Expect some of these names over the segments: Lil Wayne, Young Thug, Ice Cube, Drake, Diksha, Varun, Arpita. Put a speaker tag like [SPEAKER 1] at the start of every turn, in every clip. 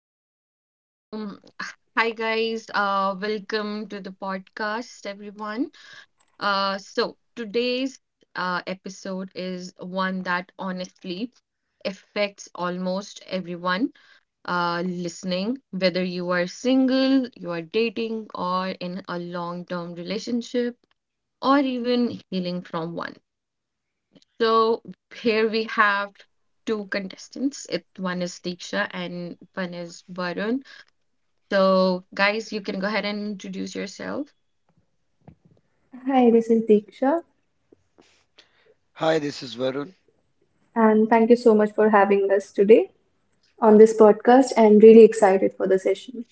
[SPEAKER 1] Okay, so hi guys, welcome to the podcast, everyone. So today's episode is one that honestly affects almost everyone listening, whether you are single, you are dating, or in a long-term relationship, or even healing from one. So here we have two contestants. It one is Diksha and one is Varun. So, guys, you can go ahead and introduce yourself.
[SPEAKER 2] Hi, this is Deeksha, and thank you so much for having us today on this podcast and really excited for the session.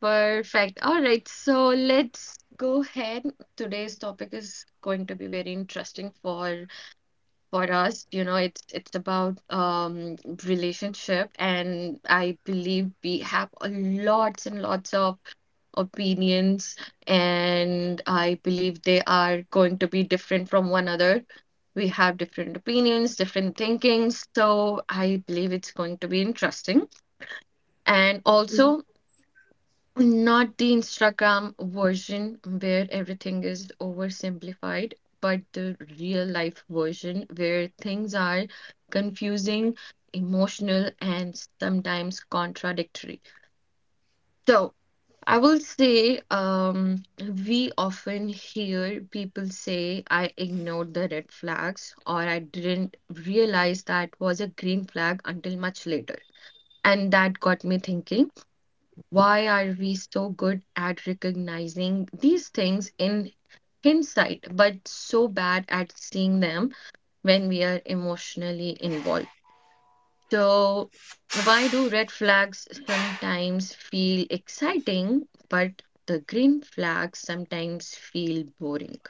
[SPEAKER 1] Perfect. All right. So, let's go ahead. Today's topic is going to be very interesting for us. It's about relationship, and I believe we have a lots and lots of opinions, and I believe they are going to be different from one another. We have different opinions, different thinkings, so I believe it's going to be interesting. And also not the Instagram version where everything is oversimplified, but the real life version where things are confusing, emotional, and sometimes contradictory. So, I will say, we often hear people say, I ignored the red flags, or I didn't realize that was a green flag until much later. And that got me thinking. Why are we so good at recognizing these things in hindsight, but so bad at seeing them when we are emotionally involved? So, why do red flags sometimes feel exciting, but the green flags sometimes feel boring?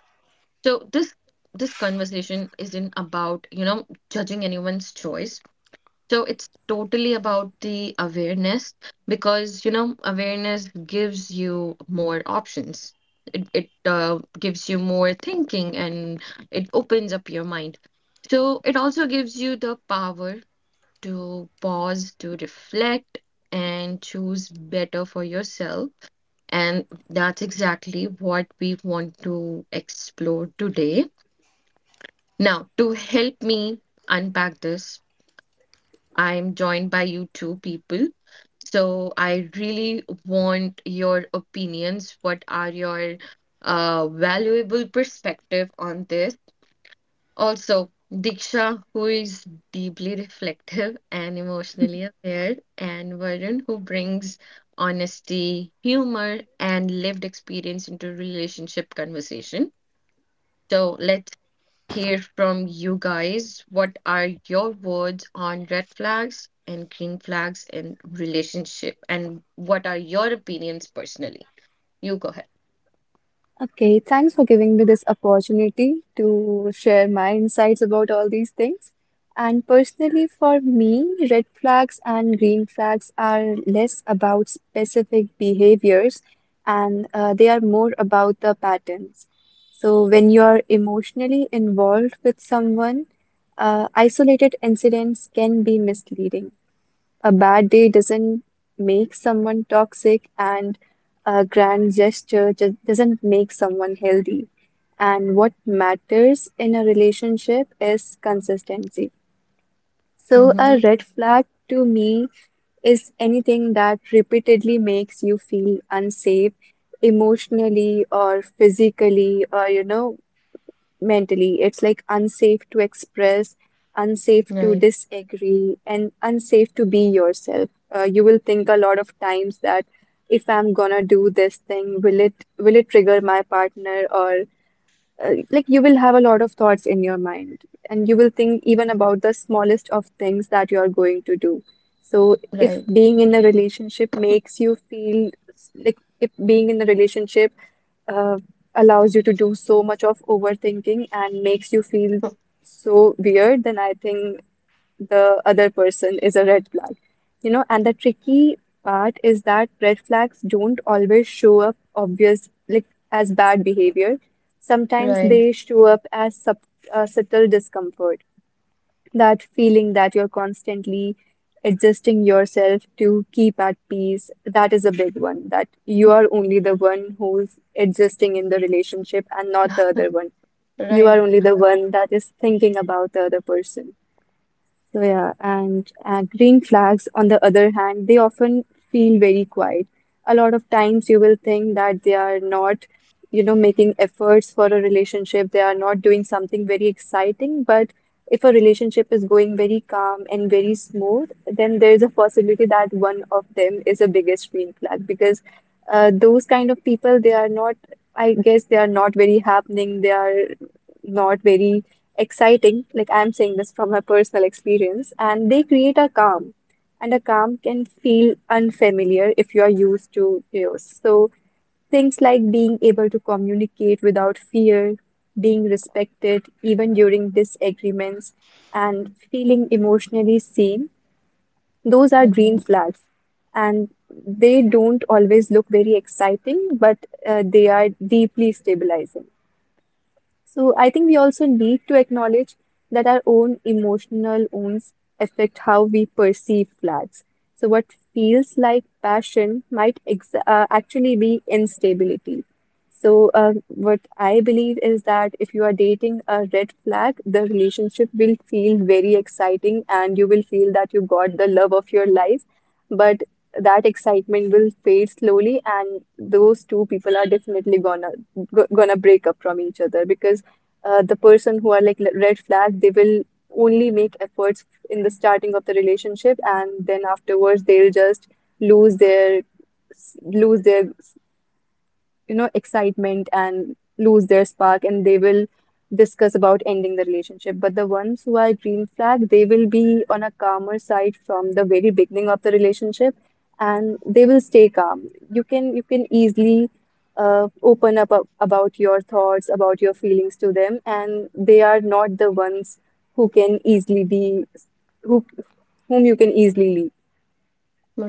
[SPEAKER 1] So, this this conversation isn't about, you know, judging anyone's choice, so it's totally about the awareness because, you know, awareness gives you more options. It gives you more thinking and it opens up your mind. So it also gives you the power to pause, to reflect, and choose better for yourself. And that's exactly what we want to explore today. Now, to help me unpack this, I'm joined by you two people. So I really want your opinions. What are your valuable perspective on this? Also, Diksha, who is deeply reflective and emotionally aware, and Varun, who brings honesty, humor, and lived experience into relationship conversation. So let's hear from you guys. What are your words on red flags and green flags in relationship, and what are your opinions personally? You go ahead.
[SPEAKER 2] Okay, thanks for giving me this opportunity to share my insights about all these things. And personally, for me, red flags and green flags are less about specific behaviors and they are more about the patterns. So, when you're emotionally involved with someone, isolated incidents can be misleading. A bad day doesn't make someone toxic, and a grand gesture doesn't make someone healthy. And what matters in a relationship is consistency. So,
[SPEAKER 1] Mm-hmm.
[SPEAKER 2] a red flag to me is anything that repeatedly makes you feel unsafe emotionally or physically, or you know, mentally. It's like unsafe to express, unsafe to
[SPEAKER 1] Right,
[SPEAKER 2] disagree, and unsafe to be yourself. You will think a lot of times that if I'm gonna do this thing, will it trigger my partner or like you will have a lot of thoughts in your mind and you will think even about the smallest of things that you are going to do. So if
[SPEAKER 1] right,
[SPEAKER 2] being in a relationship makes you feel like if being in a relationship uh, allows you to do so much of overthinking and makes you feel so weird, then I think the other person is a red flag. You know, and the tricky part is that red flags don't always show up obvious like as bad behavior. Sometimes
[SPEAKER 1] right.
[SPEAKER 2] they show up as subtle discomfort, that feeling that you're constantly adjusting yourself to keep at peace. That is a big one, that you are
[SPEAKER 1] Mm.
[SPEAKER 2] only the one who's adjusting in the relationship and not the other one. You are
[SPEAKER 1] right,
[SPEAKER 2] only the one that is thinking about the other person. So yeah, and green flags, on the other hand, they often feel very quiet. A lot of times you will think that they are not, you know, making efforts for a relationship. They are not doing something very exciting. But if a relationship is going very calm and very smooth, then there is a possibility that one of them is a biggest green flag because those kind of people, they are not, I guess, they are not very happening. They are not very exciting, like I'm saying this from my personal experience, and they create a calm. And a calm can feel unfamiliar if you are used to chaos. So things like being able to communicate without fear, being respected even during disagreements, and feeling emotionally seen, those are
[SPEAKER 1] mm-hmm.
[SPEAKER 2] green flags. And they don't always look very exciting, but they are deeply stabilizing. So I think we also need to acknowledge that our own emotional wounds affect how we perceive flags. So what feels like passion might actually be instability. So what I believe is that if you are dating a red flag, the relationship will feel very exciting and you will feel that you got the love of your life. But that excitement will fade slowly, and those two people are definitely gonna break up from each other because the person who are like red flag, they will only make efforts in the starting of the relationship, and then afterwards they'll just lose their lose their you know, excitement and lose their spark, and they will discuss about ending the relationship. But the ones who are green flag, they will be on a calmer side from the very beginning of the relationship and they will stay calm. You can easily open up about your thoughts, about your feelings to them, and they are not the ones who can easily be who whom you can easily leave.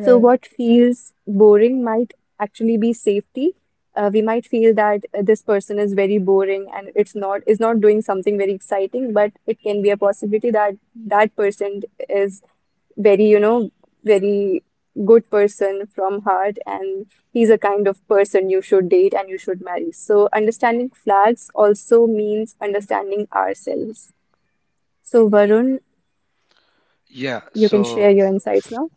[SPEAKER 2] So, what feels boring might actually be safety. We might feel that this person is very boring and it's not is not doing something very exciting, but it can be a possibility that that person is very, you know, very good person from heart and he's a kind of person you should date and you should marry. So, understanding flags also means understanding ourselves. So, Varun, you can share your insights now.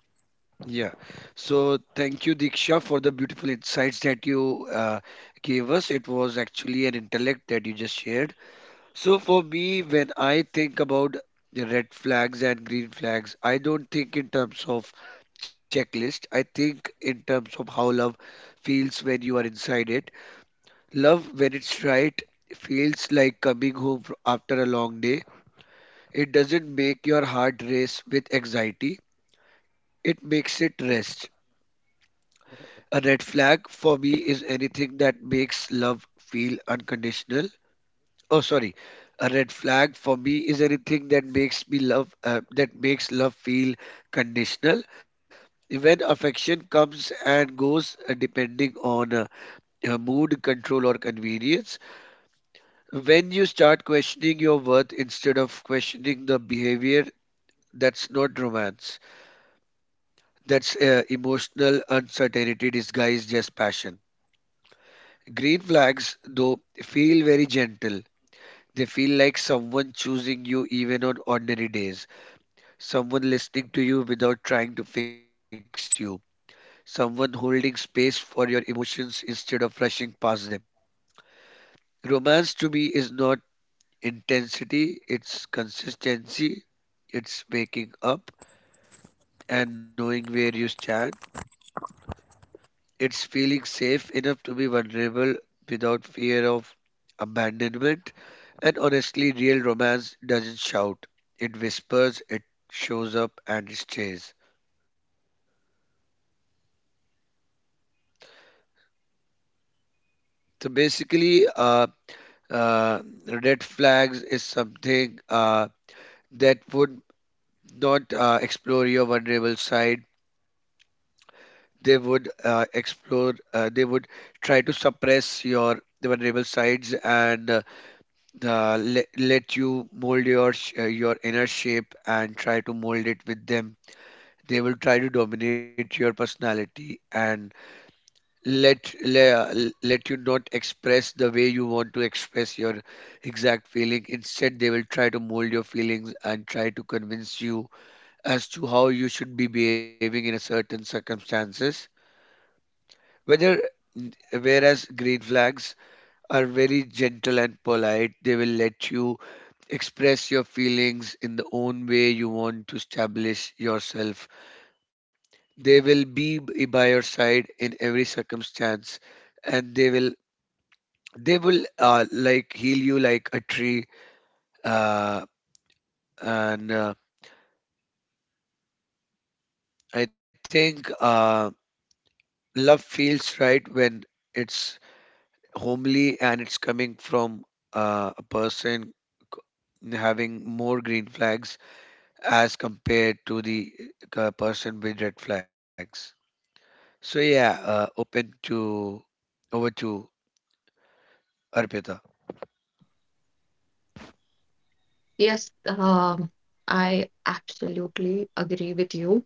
[SPEAKER 1] Yes, I absolutely agree with you.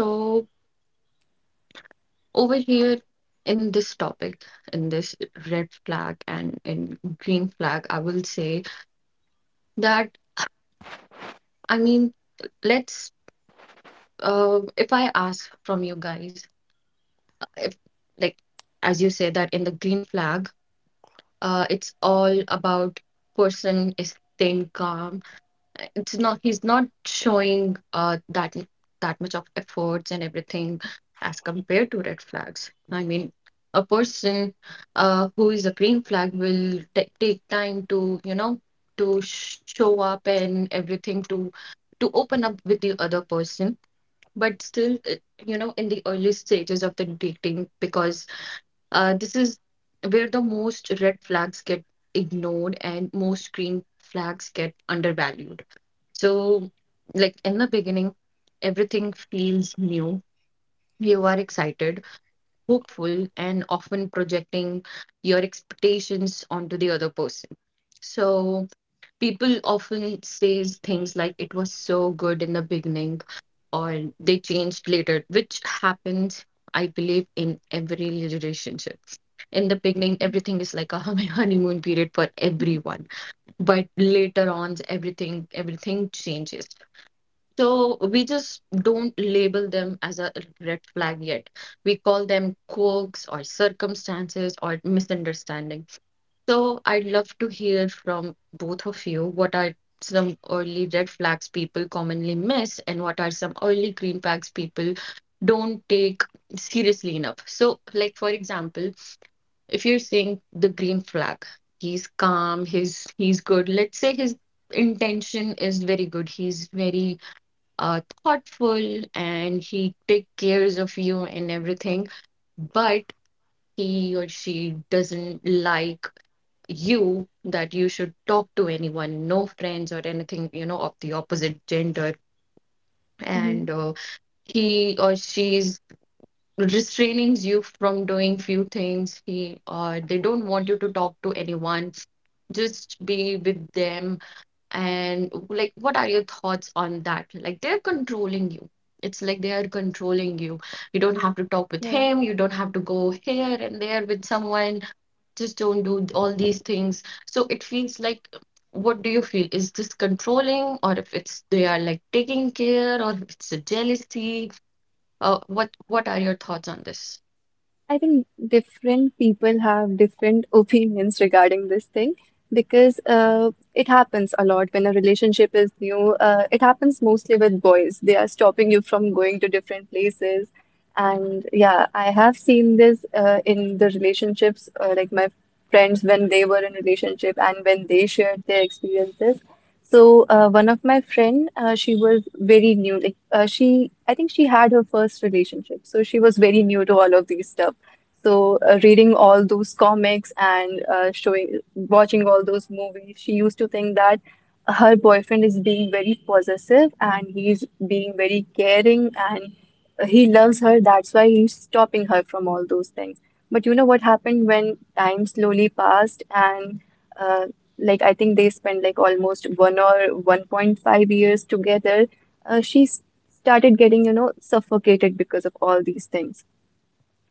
[SPEAKER 1] So over here in this topic, in this red flag and in green flag, I will say that I mean, let's, if I ask from you guys, if, like, as you say that in the green flag, it's all about person is staying calm, it's not, he's not showing that that much of efforts and everything as compared to red flags. I mean, a person who is a green flag will take time to, you know, to show up and everything, to open up with the other person. But you know, in the early stages of the dating because this is where the most red flags get ignored and most green flags get undervalued. So, like in the beginning, everything feels new. You are excited, hopeful, and often projecting your expectations onto the other person. So, people often say things like, it was so good in the beginning, or they changed later, which happens. I believe in every relationship. In the beginning, everything is like a honeymoon period for everyone, but later on, everything changes. So we just don't label them as a red flag yet. We call them quirks or circumstances or misunderstanding. So I'd love to hear from both of you, what are some early red flags people commonly miss and what are some early green flags people don't take seriously enough. So like for example, if you're saying the green flag, he's calm, he's good. Let's say his intention is very good. He's very thoughtful and he take cares of you and everything, but he or she doesn't like you that you should talk to anyone, no friends or anything, you know, of the opposite gender.
[SPEAKER 2] Mm-hmm.
[SPEAKER 1] And he or she is restraining you from doing few things. He or they don't want you to talk to anyone. Just be with them. And like, what are your thoughts on that? Like, they're controlling you. It's like they are controlling you. You don't have to talk with him. You don't have to go here and there with someone. Just don't do all these things. So it feels like, what do you feel? Is this controlling, or if it's they are like taking care, or if it's a jealousy? What are your thoughts on this?
[SPEAKER 2] I think different people have different opinions regarding this thing because it happens a lot when a relationship is new. It happens mostly with boys. They are stopping you from going to different places.
[SPEAKER 1] Mm-hmm.
[SPEAKER 2] And yeah, I have seen this in the relationships, like my friends when they were in relationship and when they shared their experiences. So one of my friend, she was very new. Like I think she had her first relationship, so she was very new to all of these stuff. So, reading all those comics and watching all those movies, she used to think that her boyfriend is being very possessive and he's being very caring and he loves her. That's why he's stopping her from all those things. But you know what happened when time slowly passed and uh, like I think they spent like almost one or 1.5 years together. Uh, she s- started getting, you know, suffocated because of all these things.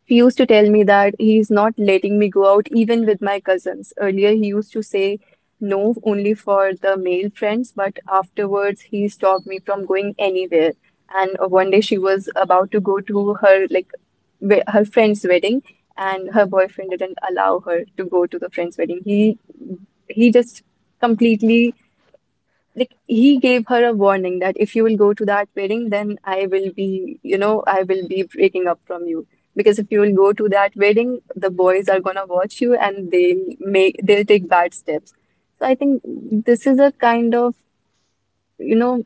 [SPEAKER 2] He used to tell me that he's not letting me go out even with my cousins. Earlier, he used to say no only for the male friends, but afterwards, he stopped me from going anywhere. And one day, she was about to go to her her friend's wedding, and her boyfriend didn't allow her to go to the friend's wedding. He just completely like he gave her a warning that if you will go to that wedding, then I will be, you know, I will be breaking up from you. Because if you will go to that wedding, the boys are gonna watch you and they'll make they'll take bad steps. So I think this is a kind of, you know,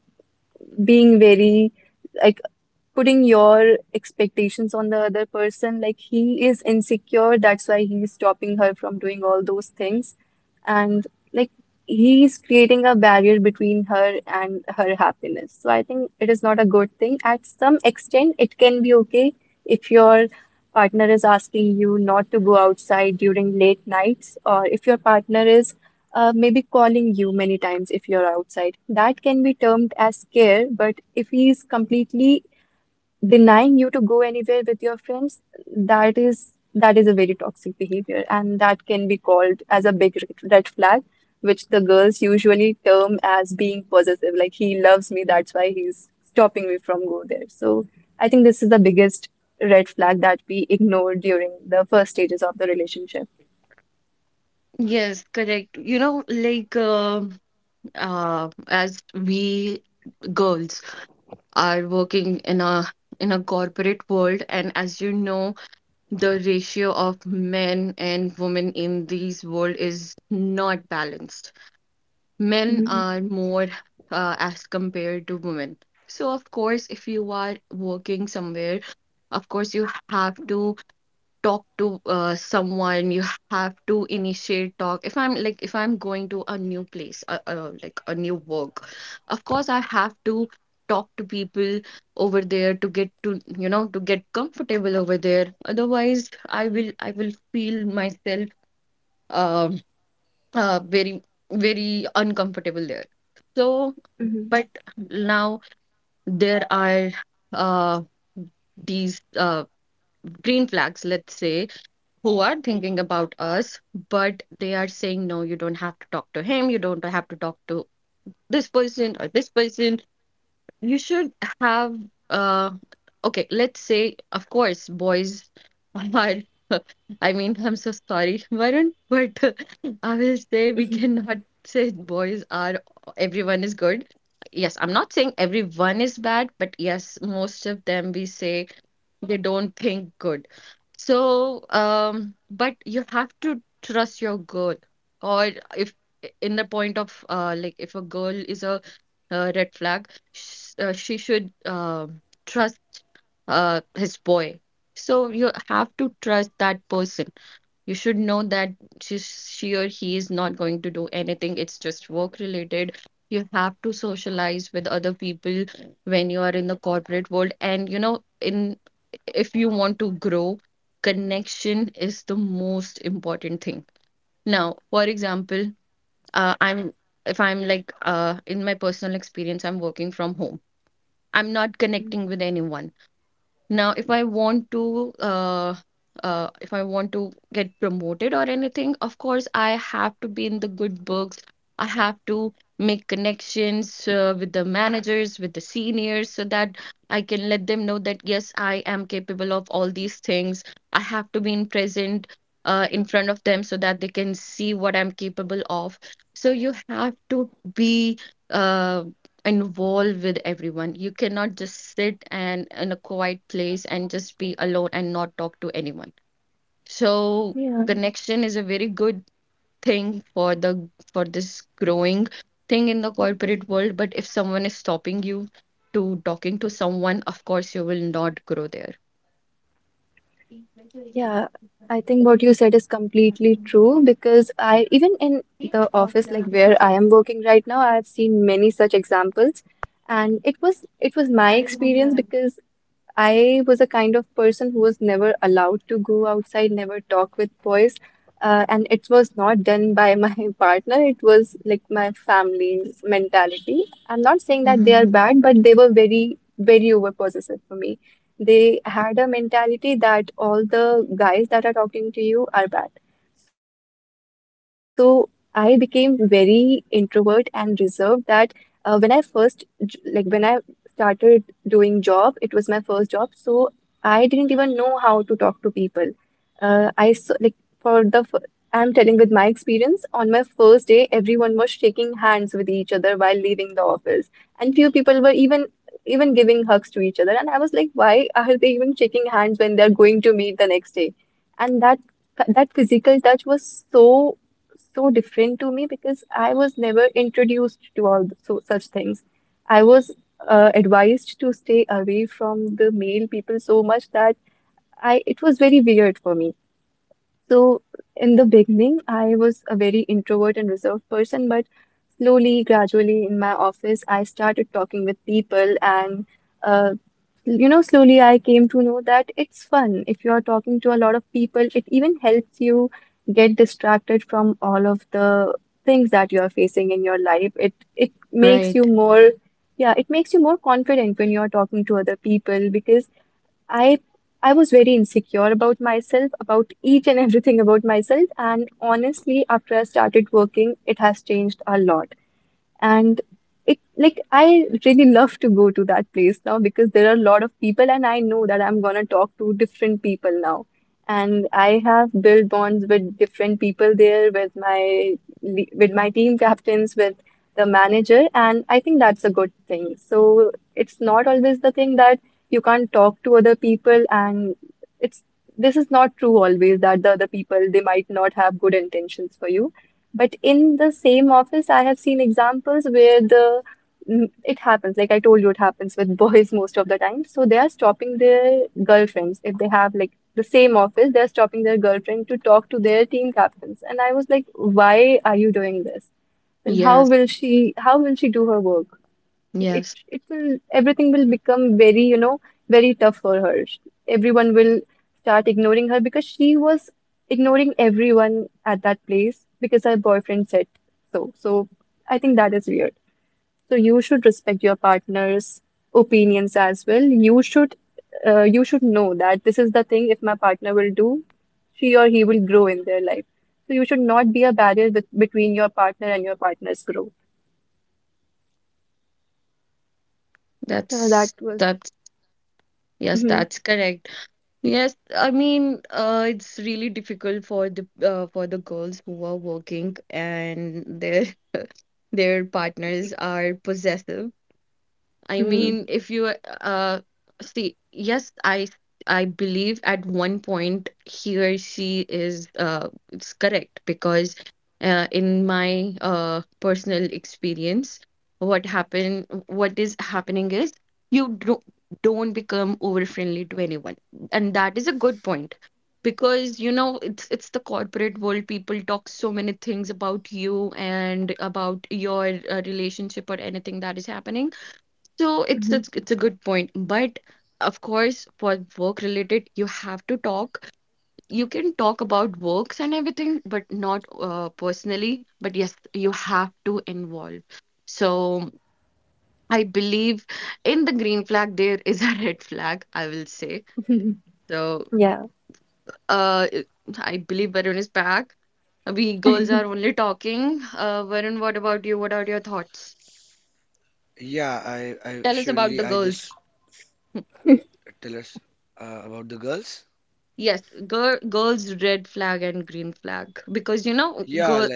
[SPEAKER 2] being very, I putting your expectations on the other person. Like he is insecure, that's why he's stopping her from doing all those things. And like he's creating a barrier between her and her happiness. So I think it is not a good thing. At some extent, it can be okay if your partner is asking you not to go outside during late nights, or if your partner is maybe calling you many times if you're outside. That can be termed as care, but if he is completely denying you to go anywhere with your friends, that is a very toxic behavior, and that can be called as a big red flag, which the girls usually term as being possessive. Like he loves me, that's why he's stopping me from go there. So I think this is the biggest red flag that we ignore during the first stages of the relationship.
[SPEAKER 1] Yes, correct. You know, like, as we girls are working in a corporate world, and as you know, the ratio of men and women in these world is not balanced. Men
[SPEAKER 2] Mm-hmm.
[SPEAKER 1] are more as compared to women. So, of course, if you are working somewhere, of course, you have to talk to, someone, you have to initiate talk. If I'm, like, if I'm going to a new place, like a new work, of course I have to talk to people over there to get to, you know, to get comfortable over there, otherwise I will feel myself um very uncomfortable there. So but now there are uh these green flags, let's say, who are thinking about us, but they are saying, no, you don't have to talk to him. You don't have to talk to this person or this person. You should have, uh, okay, let's say, of course, boys are, I mean, I'm so sorry, Varun, but I will say we cannot say boys are, everyone is good. Yes, I'm not saying everyone is bad, but yes, most of them we say they don't think good. So but you have to trust your girl, or if in the point of like if a girl is a, red flag, sh she should trust his boy. So you have to trust that person. You should know that she or he is not going to do anything. It's just work related. You have to socialize with other people when you are in the corporate world. And you know, in, if you want to grow, connection is the most important thing. Now, for example, I'm if I'm like, in my personal experience, I'm working from home. I'm not connecting with anyone. Now, if I want to, if I want to get promoted or anything, of course, I have to be in the good books. I have to make connections with the managers, with the seniors, so that I can let them know that yes, I am capable of all these things. I have to be in present in front of them so that they can see what I'm capable of. So you have to be. uh, involved with everyone. You cannot just sit and in a quiet place and just be alone and not talk to anyone. So
[SPEAKER 2] Yeah,
[SPEAKER 1] connection is a very good thing for the for this growing thing in the corporate world. But if someone is stopping you to talking to someone, of course you will not grow there.
[SPEAKER 2] Yeah, I think what you said is completely true because I, even in the office like where I am working right now, I have seen many such examples. And it was my experience because I was a kind of person who was never allowed to go outside, never talk with boys. And it was not done by my partner. It was like my family's mentality. I'm not saying that they are
[SPEAKER 1] Hmm.
[SPEAKER 2] bad, but they were very, very over possessive for me. They had a mentality that all the guys that are talking to you are bad. So I became very introvert and reserved that when I first, j- like when I started doing job. It was my first job, so I didn't even know how to talk to people. I so, like for the fir- I'm telling with my experience. On my first day, everyone was shaking hands with each other while leaving the office, and few people were even giving hugs to each other. And I was like, why are they even shaking hands when they're going to meet the next day? And that physical touch was so so different to me because I was never introduced to so such things. I was advised to stay away from the male people so much that I it was very weird for me. So in the beginning, I was a very introvert and reserved person, but slowly, gradually, in my office, I started talking with people, and uh, you know, slowly I came to know that it's fun. If you're talking to a lot of people, it even helps you get distracted from all of the things that you're facing in your life. It makes
[SPEAKER 1] Right.
[SPEAKER 2] you more, yeah, it makes you more confident when you're talking to other people because I I was very insecure about myself, about each and everything about myself, and honestly, after I started working, it has changed a lot, and it, like, I really love to go to that place now because there are a lot of people and I know that I'm gonna talk to different people now. And I have built bonds with different people there, with my with my team captains, with the manager, and I think that's a good thing. So it's not always the thing that you can't talk to other people, and it's this is not true always, that the other people, they might not have good intentions for you. But in the same office, I have seen examples. It happens. Like I told you, it happens with boys most of the time. So they are stopping their girlfriends if they have, like, the same office. They are stopping their girlfriend to talk to their team captains. And I was like, why are you doing this? Then
[SPEAKER 1] Yes.
[SPEAKER 2] how will she? How will she do her work?
[SPEAKER 1] Yes.
[SPEAKER 2] It will Everything will become very, very tough for her. Everyone will start ignoring her because she was ignoring everyone at that place because her boyfriend said so. So I think that is weird. So you should respect your partner's opinions as well. You should know that this is the thing. If my partner will do, she or he will grow in their life, so you should not be a barrier between your partner and your partner's growth. So that
[SPEAKER 1] That's
[SPEAKER 2] was.
[SPEAKER 1] that's, yes,
[SPEAKER 2] Mhm.
[SPEAKER 1] that's correct. Yes, I mean, it's really difficult for the, for the girls who are working and their their partners are possessive. I
[SPEAKER 2] Mhm.
[SPEAKER 1] mean, if you see, yes, I believe at one point he or she is it's correct because in my personal experience, what is happening is you don't become over friendly to anyone, and that is a good point. Because you know it's the corporate world. People talk so many things about you and about your relationship or anything that is happening. So
[SPEAKER 2] Mhm.
[SPEAKER 1] it's a good point, but of course, for work related, you have to talk. You can talk about works and everything, but not personally. But yes, you have to involve. So I believe in the green flag, there is a red flag, I will say.
[SPEAKER 2] Mhm.
[SPEAKER 1] So
[SPEAKER 2] Yeah,
[SPEAKER 1] uh, it- I believe Varun is back. We girls are only talking. Varun, what about you? What are your thoughts?
[SPEAKER 3] Yeah, I
[SPEAKER 1] Tell
[SPEAKER 3] surely
[SPEAKER 1] us
[SPEAKER 3] I
[SPEAKER 1] about the
[SPEAKER 3] just
[SPEAKER 1] girls.
[SPEAKER 3] tell us about the girls.
[SPEAKER 1] Yes, girls red flag and green flag because you know
[SPEAKER 3] Yeah,
[SPEAKER 1] girl,
[SPEAKER 3] like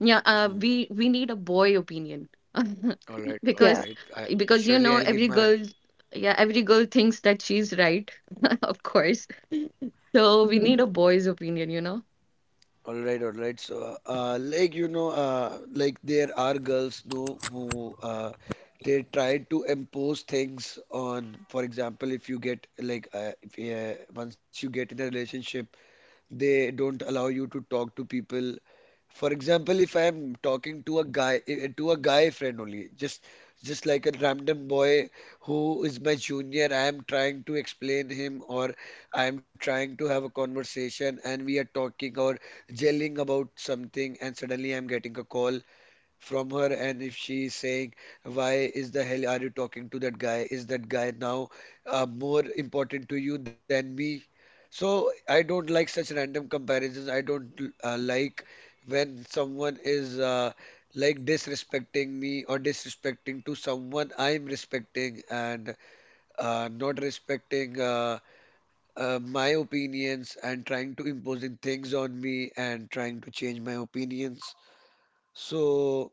[SPEAKER 1] yeah,
[SPEAKER 3] hmm.
[SPEAKER 1] we need a boy opinion
[SPEAKER 3] All right, all right.
[SPEAKER 2] yeah.
[SPEAKER 1] because
[SPEAKER 3] I,
[SPEAKER 1] because you
[SPEAKER 3] surely I'll
[SPEAKER 1] know
[SPEAKER 3] give
[SPEAKER 1] every
[SPEAKER 3] my.
[SPEAKER 1] girl, yeah, every girl thinks that she's right, of course, so we
[SPEAKER 2] Mhm.
[SPEAKER 1] need a boy's opinion, you know.
[SPEAKER 3] All right, all right. So, like you know, like there are girls, no, who they try to impose things on. For example, if you get like, if once you get in a relationship. They don't allow you to talk to people. For example, if I am talking to a guy to a guy friend only, just like a random boy who is my junior, I am trying to explain him, or I am trying to have a conversation, and we are talking or gelling about something, and suddenly I'm getting a call from her, and if she is saying why is the hell are you talking to that guy? Is that guy now more important to you than me? So I don't like such random comparisons. I don't like when someone is like disrespecting me or disrespecting to someone I'm respecting and not respecting my opinions and trying to imposing things on me and trying to change my opinions. So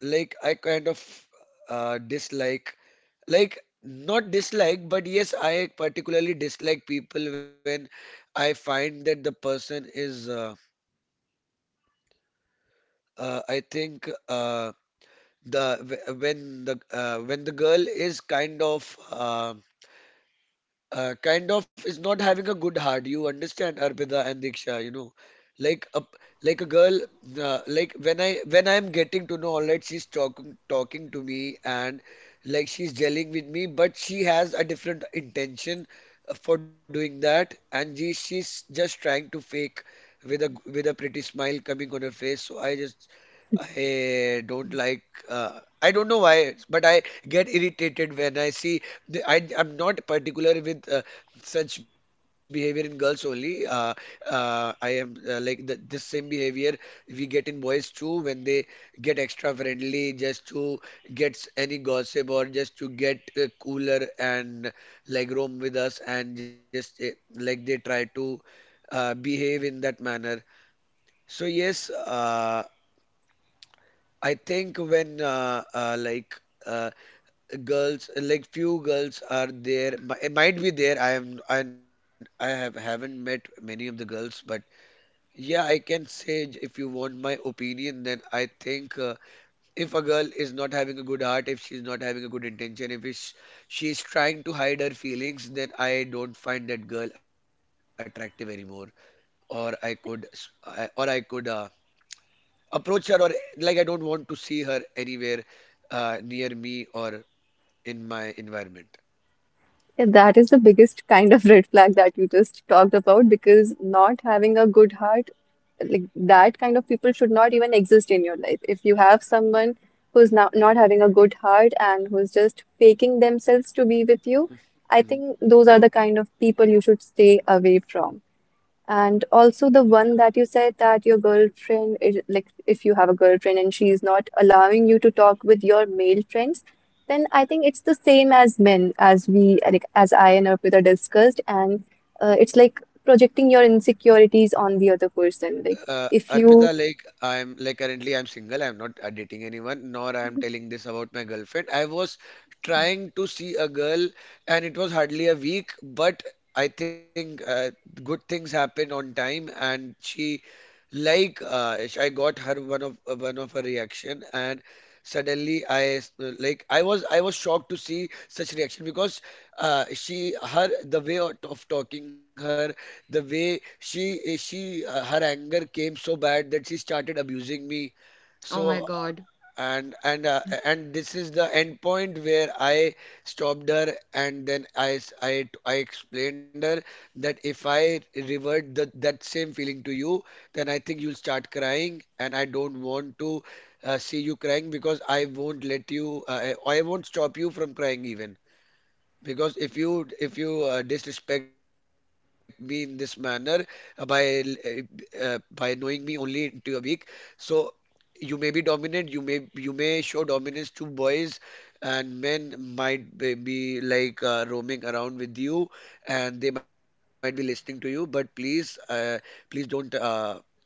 [SPEAKER 3] like I kind of dislike, like not dislike, but yes, I particularly dislike people when I find that the person is, I think, the wh- when the girl is kind of is not having a good heart. You understand, Arpita and Diksha, you know, like a like a girl, like when I when I'm getting to know, all right, she's talking to me, and like she's gelling with me, but she has a different intention for doing that, and she's just trying to fake with a pretty smile coming on her face. So I just I don't like. I don't know why, but I get irritated when I see. The, I I'm not particular with such behavior in girls only. I am like this same behavior we get in boys too when they get extra friendly just to get any gossip or just to get cooler and like roam with us and just like they try to behave in that manner. So yes, I think when uh, girls, like few girls are there. It might be there. I haven't met many of the girls, but yeah, I can say if you want my opinion, then I think if a girl is not having a good heart, if she's not having a good intention, if is- she's trying to hide her feelings, then I don't find that girl attractive anymore. Or I could, s- I, or I could. Approach her, or like I don't want to see her anywhere near me or in my environment.
[SPEAKER 2] Yeah, that is the biggest kind of red flag that you just talked about because not having a good heart, like, that kind of people should not even exist in your life. If you have someone who's not, not having a good heart and who's just faking themselves to be with you, I
[SPEAKER 3] Mhm.
[SPEAKER 2] think those are the kind of people you should stay away from. And also the one that you said, that your girlfriend is, like, if you have a girlfriend and she is not allowing you to talk with your male friends, then I think it's the same as men, as we like, as I and Arpita discussed, and it's like projecting your insecurities on the other person. Like, if
[SPEAKER 3] Arpita,
[SPEAKER 2] you.
[SPEAKER 3] like I'm like currently I'm single. I'm not dating anyone, nor I'm telling this about my girlfriend. I was trying to see a girl, and it was hardly a week, but I think good things happened on time, and I got her one of her reaction, and suddenly, like I was shocked to see such reaction because she her the way of talking, her the way she her anger came so bad that she started abusing me.
[SPEAKER 1] Oh
[SPEAKER 3] So
[SPEAKER 1] my God.
[SPEAKER 3] and this is the end point where I stopped her, and then I explained her that if I revert that same feeling to you, then I think you'll start crying, and I don't want to see you crying because I won't let you I won't stop you from crying even because if you disrespect me in this manner by knowing me only into a week. So you may be dominant, you may show dominance to boys, and men might be like roaming around with you, and they might be listening to you, but please please don't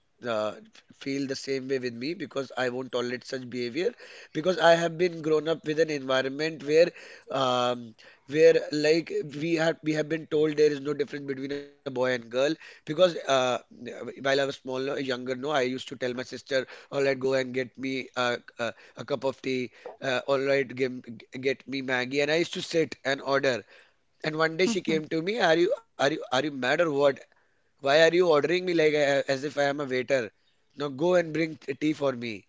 [SPEAKER 3] uh, feel the same way with me because I won't tolerate such behavior because I have been grown up with an environment where um, where like we have been told there is no difference between a boy and girl because while I was smaller, younger, no, I used to tell my sister, all right, go and get me a cup of tea. All right, get me Maggie. And I used to sit and order. And one day she came to me, are you mad or what? Why are you ordering me like I, as if I am a waiter? Now go and bring tea for me.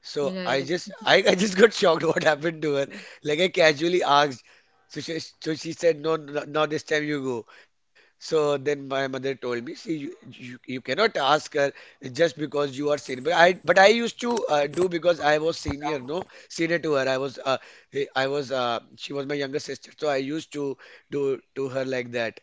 [SPEAKER 3] So I
[SPEAKER 1] Right.
[SPEAKER 3] just I, I just got shocked what happened to her.
[SPEAKER 1] Mm.
[SPEAKER 3] Like I casually asked. So she said no, no, not this time, you go. So then my mother told me, see, you cannot ask her just because you are senior. But I used to do because I was senior, no, senior to her. I was she was my younger sister, so I used to do to her like that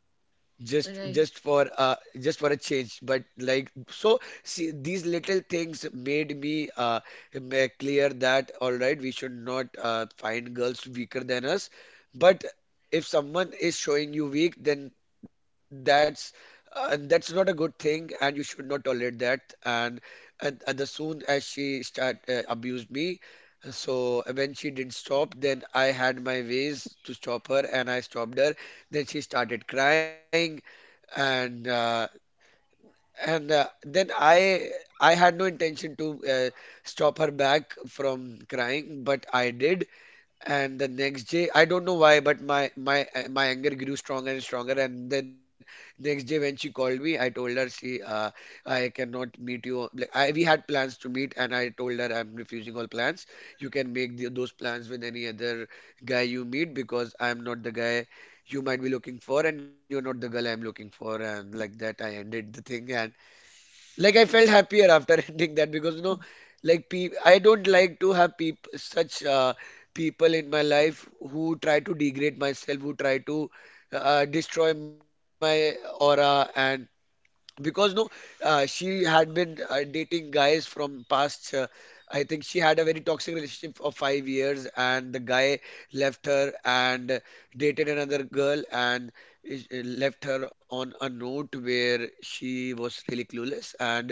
[SPEAKER 3] just for
[SPEAKER 1] Right.
[SPEAKER 3] just for a change, but like. So see, these little things made me clear that all right, we should not find girls weaker than us, but if someone is showing you weak, then that's that's not a good thing, and you should not tolerate that. And and the soon as she start abused me, so when she didn't stop, then I had my ways to stop her, and I stopped her. Then she started crying, and uh, and then I I had no intention to stop her back from crying, but I did. And the next day, I don't know why, but my anger grew stronger and stronger. And then next day, when she called me, I told her, "See, I cannot meet you. Like I, we had plans to meet, and I told her I'm refusing all plans. You can make those plans with any other guy you meet, because I'm not the guy you might be looking for, and you're not the girl I'm looking for." And like that, I ended the thing, and like I felt happier after ending that, because you know, like pe I don't like to have peop such people in my life who try to degrade myself, who try to destroy my aura. And because no, she had been dating guys from past. I think she had a very toxic relationship of 5 years, and the guy left her and dated another girl, and left her on a note where she was really clueless, and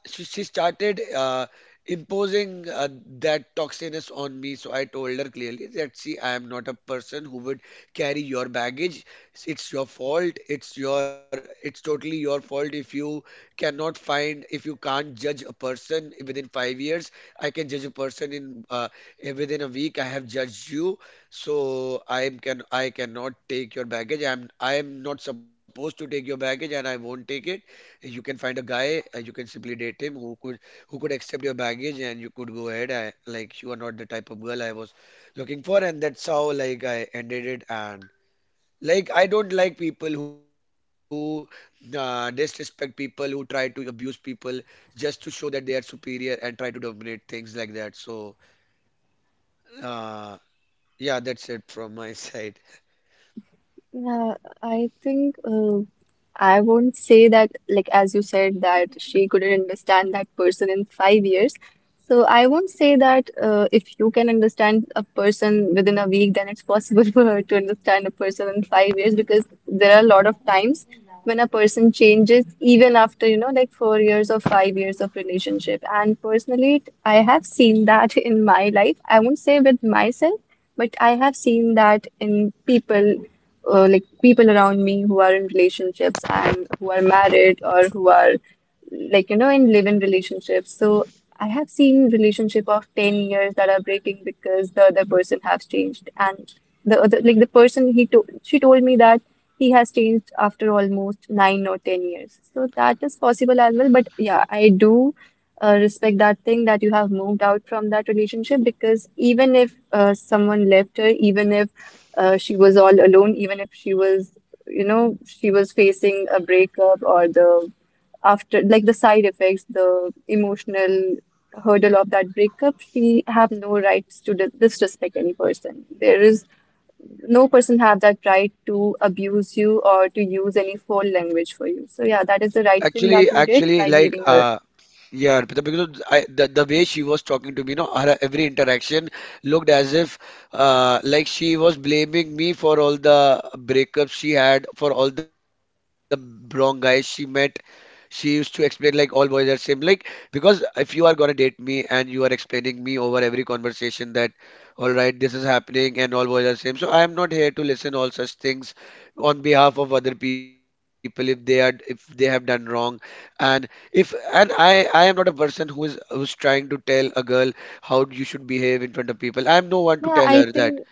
[SPEAKER 3] she started imposing that toxiness on me. So I told her clearly that, see, I am not a person who would carry your baggage. It's your fault. It's totally your fault if you cannot find, if you can't judge a person within 5 years. I can judge a person in within a week. I have judged you, so I cannot take your baggage. I am not supposed to take your baggage, and I won't take it. You can find a guy and you can simply date him who could accept your baggage, and you could go ahead. Like you are not the type of girl I was looking for, and that's how like I ended it. And like I don't like people who disrespect people, who try to abuse people just to show that they are superior and try to dominate things like that. So uh, yeah, that's it from my side.
[SPEAKER 2] Yeah, I think I won't say that, like, as you said, that she couldn't understand that person in 5 years. So I won't say that if you can understand a person within a week, then it's possible for her to understand a person in 5 years, because there are a lot of times when a person changes, even after, you know, like, 4 years or 5 years of relationship. And personally, I have seen that in my life. I won't say with myself, but I have seen that in people, like people around me who are in relationships and who are married or who are, like, you know, in live-in relationships. So I have seen relationship of 10 years that are breaking because the other person has changed, and the other, like, the person, he told, she told me that he has changed after almost 9 or 10 years, so that is possible as well. But yeah, I do respect that thing, that you have moved out from that relationship, because even if someone left her, even if she was all alone, even if she was, you know, she was facing a breakup or the after, like, the side effects, the emotional hurdle of that breakup, she have no rights to disrespect any person. There is no person have that right to abuse you or to use any foul language for you. So yeah, that is the
[SPEAKER 3] Actually,
[SPEAKER 2] right thing that
[SPEAKER 3] actually,
[SPEAKER 2] you did
[SPEAKER 3] like,
[SPEAKER 2] by leaving
[SPEAKER 3] uh,
[SPEAKER 2] her.
[SPEAKER 3] yeah, Arpita, because I, the way she was talking to me, you know, her every interaction looked as if, like she was blaming me for all the breakups she had, for all the wrong guys she met. She used to explain like all boys are same, like because if you are gonna date me and you are explaining me over every conversation that, all right, this is happening and all boys are same. So I am not here to listen all such things on behalf of other people if they are if they have done wrong. And if and I am not a person who is who's trying to tell a girl how you should behave in front of people. I am no one to
[SPEAKER 2] Yeah,
[SPEAKER 3] tell
[SPEAKER 2] I
[SPEAKER 3] her that
[SPEAKER 2] think.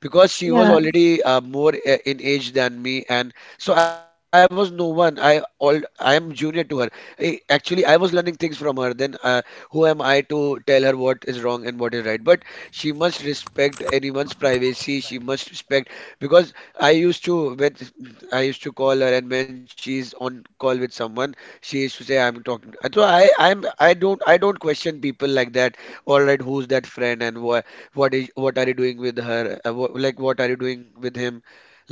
[SPEAKER 3] because she was
[SPEAKER 2] Yeah.
[SPEAKER 3] already more in age than me, and so I was no one I all I am junior to her. Actually, I was learning things from her then. Who am I to tell her what is wrong and what is right? But she must respect anyone's privacy, she must respect. Because i used to when I used to call her, and when she's on call with someone, she used to say I'm talking. So I don't question people like that. All right, who's that friend and why, what are you doing with her, like what are you doing with him,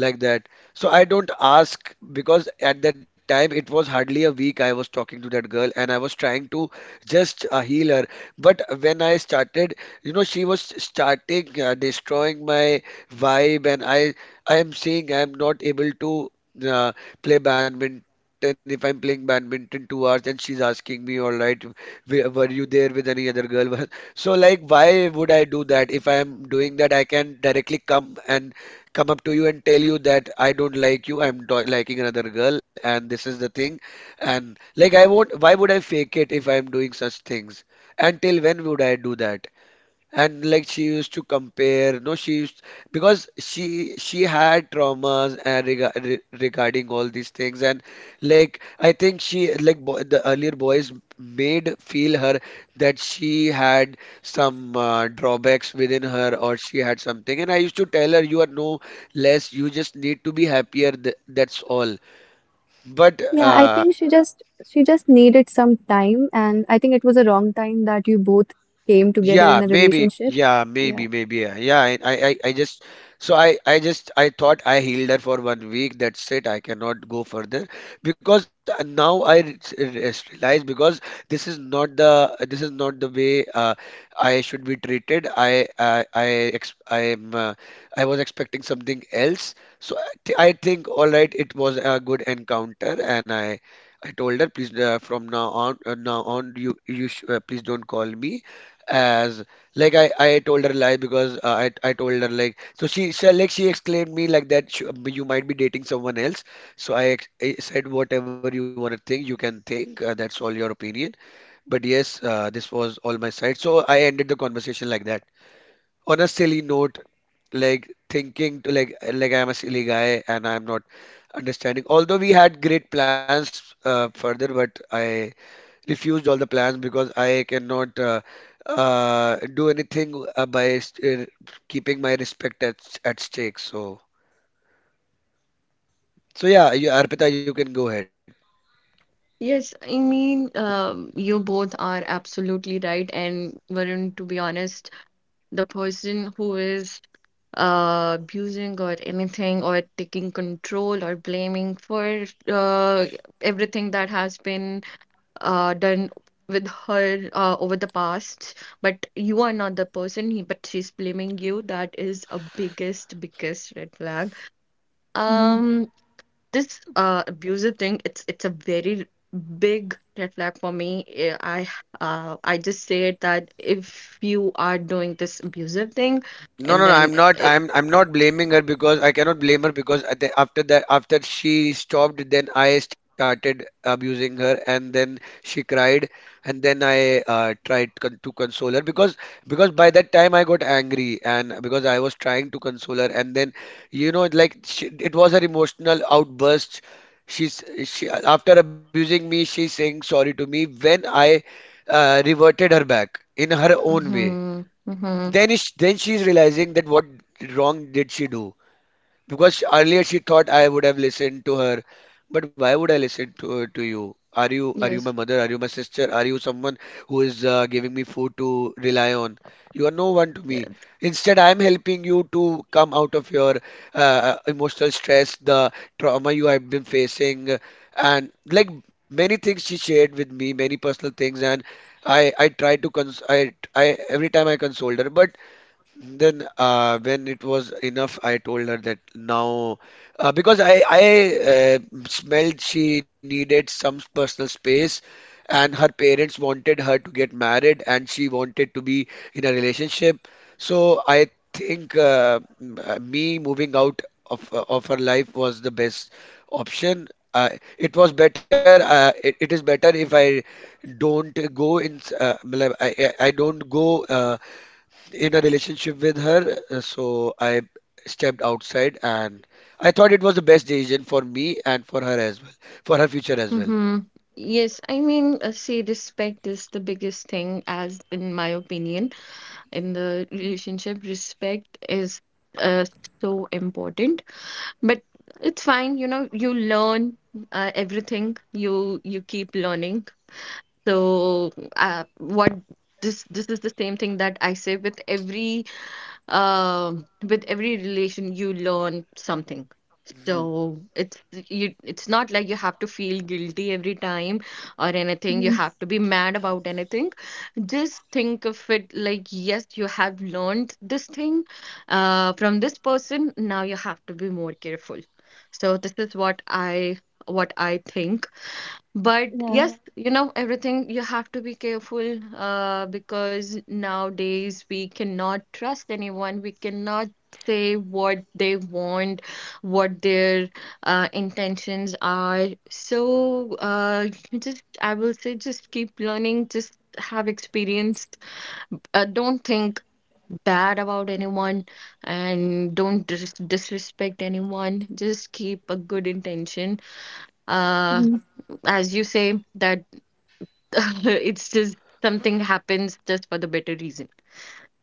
[SPEAKER 3] like that. So I don't ask, because at that time it was hardly a week I was talking to that girl, and I was trying to just heal her. But when I started, she was starting destroying my vibe, and i am saying I am not able to uh, play badminton. If I'm playing badminton 2 hours and she's asking me, all right, were you there with any other girl? So like, why would I do that? If I am doing that, I can directly come up to you and tell you that I don't like you, I'm do liking another girl, and this is the thing. And like, I won't, why would I fake it if I'm doing such things? Until when would I do that? And like, she used to compare. No, she used, because she had traumas and regarding all these things. And like, I think she like bo the earlier boys made feel her that she had some drawbacks within her, or she had something. And I used to tell her, you are no less, you just need to be happier, th that's all. But
[SPEAKER 2] Yeah, I think she just needed some time, and I think it was a wrong time that you both came together
[SPEAKER 3] yeah,
[SPEAKER 2] in a
[SPEAKER 3] maybe.
[SPEAKER 2] relationship.
[SPEAKER 3] Yeah,
[SPEAKER 2] Yeah.
[SPEAKER 3] maybe, maybe. Yeah, yeah. I just. So I just, I thought I healed her for 1 week. That's it. I cannot go further because now I realize, because this is not this is not the way I should be treated. I, ex I am, I was expecting something else. So I think, all right, it was a good encounter, and I told her, please, now on you, you sh please don't call me as. Like, I told her lie, because I told her like, so she exclaimed me like that, You might be dating someone else." So I said, whatever you want to think, you can think, that's all your opinion. But yes, this was all my side, so I ended the conversation like that, on a silly note, like thinking to like I'm a silly guy and I'm not understanding. Although we had great plans further, but I refused all the plans because I cannot do anything keeping my respect at stake. So, so yeah, you, Arpita, you can go ahead.
[SPEAKER 1] Yes, I mean, you both are absolutely right. And Varun, to be honest, the person who is abusing or anything or taking control or blaming for, everything that has been done with her over the past, but you are not the person, he, but she's blaming you. That is a biggest, biggest red flag.
[SPEAKER 2] Hmm.
[SPEAKER 1] Um, This abusive thing, it's a very big red flag for me. I just said that if you are doing this abusive thing,
[SPEAKER 3] No,
[SPEAKER 1] and
[SPEAKER 3] no, no.
[SPEAKER 1] then
[SPEAKER 3] I'm not.
[SPEAKER 1] it,
[SPEAKER 3] I'm. I'm not blaming her, because I cannot blame her, because at the, after that, after she stopped, then I started abusing her, and then she cried, and then I tried con to console her. Because by that time I got angry, and because I was trying to console her, and then like, she, it was her emotional outburst. She, after abusing me, she's saying sorry to me when I reverted her back in her own way.
[SPEAKER 1] mm-hmm, mm-hmm,
[SPEAKER 3] Then she's realizing that what wrong did she do? Because earlier she thought I would have listened to her, but why would I listen to you? Are you my
[SPEAKER 1] yes,
[SPEAKER 3] mother? Are you my sister? Are you someone who is giving me food to rely on? You are no one to me.
[SPEAKER 1] yes,
[SPEAKER 3] Instead, I am helping you to come out of your emotional stress, the trauma you have been facing. And like, many things she shared with me, many personal things, and I tried to cons I every time I consoled her, but. Then, when it was enough, I told her that now, because I smelled she needed some personal space, and her parents wanted her to get married, and she wanted to be in a relationship. So I think me moving out of her life was the best option. It was better. It is better if I don't go in. Matlab, I don't go in a relationship with her, so I stepped outside, and I thought it was the best decision for me and for her as well, for her future as well.
[SPEAKER 1] mm-hmm. Yes, I mean, see, respect is the biggest thing, as in my opinion, in the relationship. Respect is uh so important. But it's fine, you know, you learn everything. You keep learning. So what this is the same thing that I say with every with every relation you learn something.
[SPEAKER 3] Mhm.
[SPEAKER 1] So it's you it's not like you have to feel guilty every time or anything. You
[SPEAKER 2] Hmm.
[SPEAKER 1] have to be mad about anything. Just think of it like, yes, you have learned this thing from this person, now you have to be more careful. So this is what I, what I think. But yes,
[SPEAKER 2] Yeah.
[SPEAKER 1] you know, everything you have to be careful because nowadays we cannot trust anyone. We cannot say what they want, what their intentions are. So you just, I will say, just keep learning, just have experience. Don't think bad about anyone and don't disrespect anyone. Just keep a good intention. Uh,
[SPEAKER 2] Hmm.
[SPEAKER 1] as you say that. It's just something happens just for the better reason.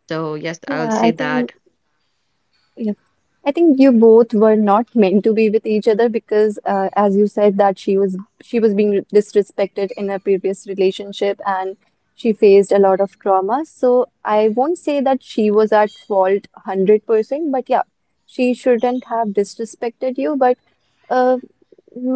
[SPEAKER 1] So yes, I'll
[SPEAKER 2] Yeah,
[SPEAKER 1] say
[SPEAKER 2] I think.
[SPEAKER 1] that.
[SPEAKER 2] Yeah. I think you both were not meant to be with each other because, as you said, that she was being disrespected in her previous relationship and she faced a lot of trauma. So I won't say that she was at fault 100%, but yeah, she shouldn't have disrespected you. But uh,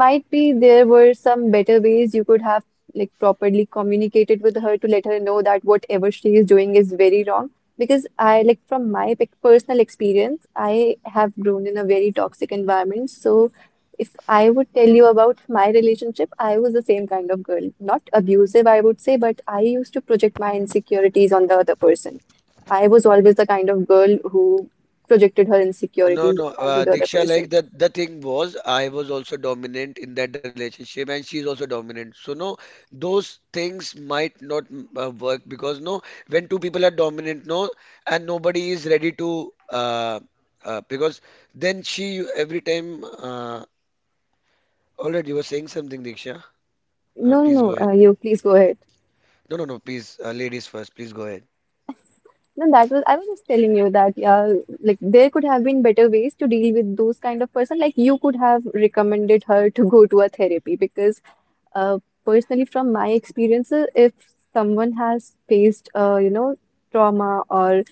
[SPEAKER 2] might be there were some better ways you could have, like, properly communicated with her to let her know that whatever she is doing is very wrong. Because I, like, from my personal experience, I have grown in a very toxic environment. So if I would tell you about my relationship, I was the same kind of girl. Not abusive, I would say, but I used to project my insecurities on the other person. I was always the kind of girl who projected her
[SPEAKER 3] No,
[SPEAKER 2] insecurities
[SPEAKER 3] no,
[SPEAKER 2] onto the other
[SPEAKER 3] Diksha, like
[SPEAKER 2] person.
[SPEAKER 3] the thing was, I was also dominant in that relationship, and she's also dominant. So no, those things might not work, because no, when two people are dominant, no, and nobody is ready to, because then she every time. Already, you were saying something, Diksha.
[SPEAKER 2] No,
[SPEAKER 3] Please
[SPEAKER 2] no,
[SPEAKER 3] go ahead.
[SPEAKER 2] no. You please go ahead.
[SPEAKER 3] No, no, no, please, ladies first, please go ahead.
[SPEAKER 2] Then that was, I was just telling you that, yeah, like, there could have been better ways to deal with those kind of person. Like, you could have recommended her to go to a therapy because, uh, personally, from my experiences, if someone has faced, you know, trauma, or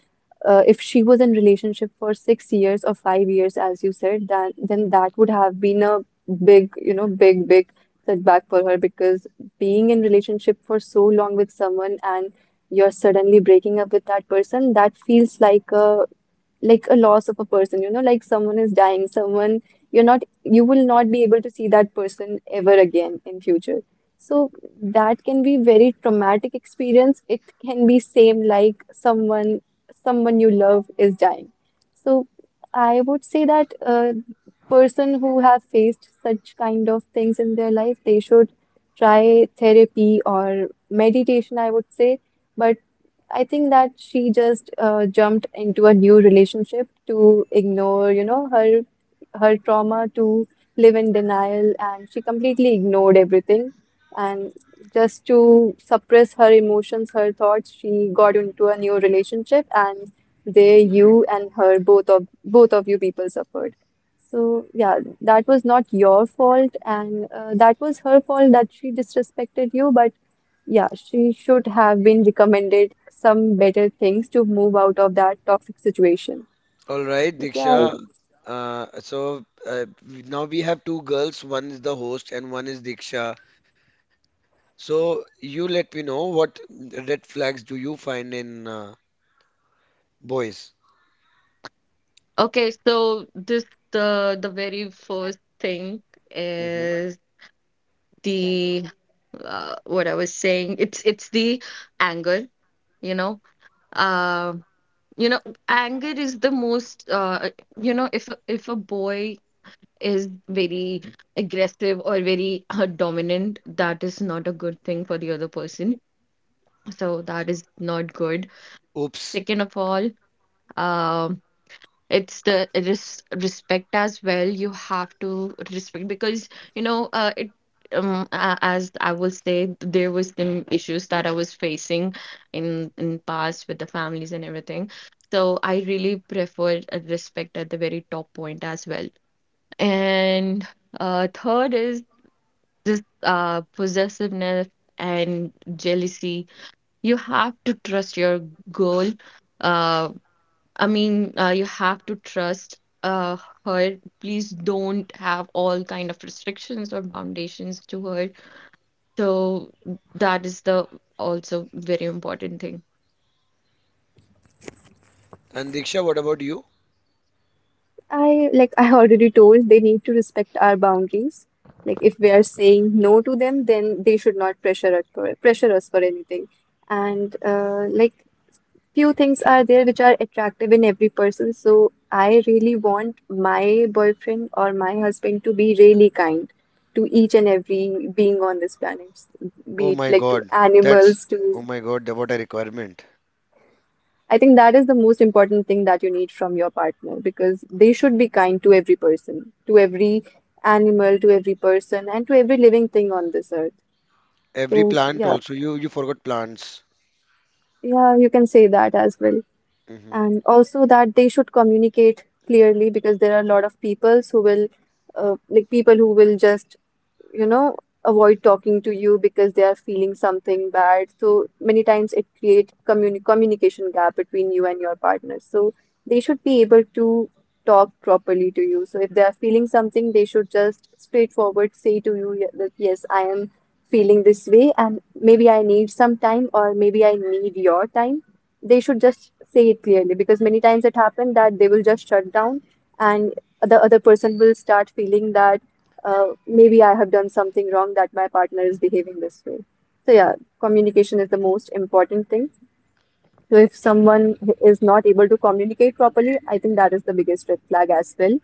[SPEAKER 2] if she was in relationship for 6 years or 5 years, as you said, that then that would have been a big, you know, big, big setback for her, because being in relationship for so long with someone and you're suddenly breaking up with that person, that feels like a, like a loss of a person, you know, like someone is dying, someone you're not, you will not be able to see that person ever again in future. So that can be very traumatic experience. It can be same like someone, someone you love is dying. So I would say that a person who have faced such kind of things in their life, they should try therapy or meditation, I would say. But I think that she just jumped into a new relationship to ignore, you know, her trauma, to live in denial, and she completely ignored everything. And just to suppress her emotions, her thoughts, she got into a new relationship, and there you and her, both of you people suffered. So yeah, that was not your fault, and that was her fault that she disrespected you, but yeah, she should have been recommended some better things to move out of that toxic situation.
[SPEAKER 3] All right,
[SPEAKER 2] But yeah, I,
[SPEAKER 3] Diksha. So we- now we have two girls, one is the host and one is Diksha. So you let me know what red flags do you find in boys?
[SPEAKER 1] Okay, so this, the very first thing
[SPEAKER 3] Hmm.
[SPEAKER 1] is the what I was saying. It's the anger, you know. Uh, you know, anger is the most you know, if a boy is very aggressive or very dominant, that is not a good thing for the other person. So that is not good.
[SPEAKER 3] Oops.
[SPEAKER 1] Second of all, um it's the respect as well. You have to respect because you know it as I will say, there was some issues that I was facing in past with the families and everything. So I really prefer respect at the very top point as well. And third is this possessiveness and jealousy. You have to trust your girl. Uh. I mean, you have to trust her. Please don't have all kind of restrictions or foundations to her. So that is the also very important thing.
[SPEAKER 3] And Diksha, what about you?
[SPEAKER 2] I like I already told, they need to respect our boundaries. Like, if we are saying no to them, then they should not pressure us for anything. And like, few things are there which are attractive in every person. So I really want my boyfriend or my husband to be really kind to each and every being on this planet,
[SPEAKER 3] Oh
[SPEAKER 2] be it
[SPEAKER 3] my
[SPEAKER 2] like, to
[SPEAKER 3] God, that's
[SPEAKER 2] animals, to.
[SPEAKER 3] oh my God, what a requirement.
[SPEAKER 2] I think that is the most important thing that you need from your partner, because they should be kind to every person, to every animal, to every person, and to every living thing on this earth.
[SPEAKER 3] Every
[SPEAKER 2] So
[SPEAKER 3] plant
[SPEAKER 2] yeah,
[SPEAKER 3] also, you forgot plants.
[SPEAKER 2] yeah, you can say that as well.
[SPEAKER 3] Hmm.
[SPEAKER 2] And also that they should communicate clearly, because there are a lot of people who will, like, people who will just, you know, avoid talking to you because they are feeling something bad. So many times it creates communication gap between you and your partner. So they should be able to talk properly to you. So if they are feeling something, they should just, straightforward, say to you, that yes, I am feeling this way, and maybe I need some time, or maybe I need your time. They should just say it clearly because many times it happens that they will just shut down, and the other person will start feeling that maybe I have done something wrong, that my partner is behaving this way. So yeah, communication is the most important thing. So if someone is not able to communicate properly, I think that is the biggest red flag as well.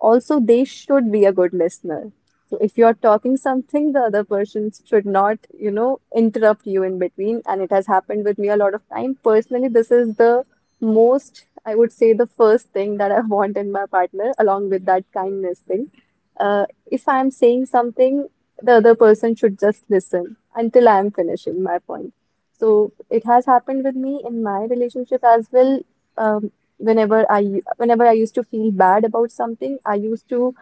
[SPEAKER 2] Also, they should be a good listener. So if you're talking something, the other person should not, you know, interrupt you in between. And it has happened with me a lot of time. Personally, this is the most, I would say, the first thing that I want in my partner, along with that kindness thing. Uh, if I'm saying something, the other person should just listen until I am finishing my point. So it has happened with me in my relationship as well. Um, Whenever I used to feel bad about something, I used to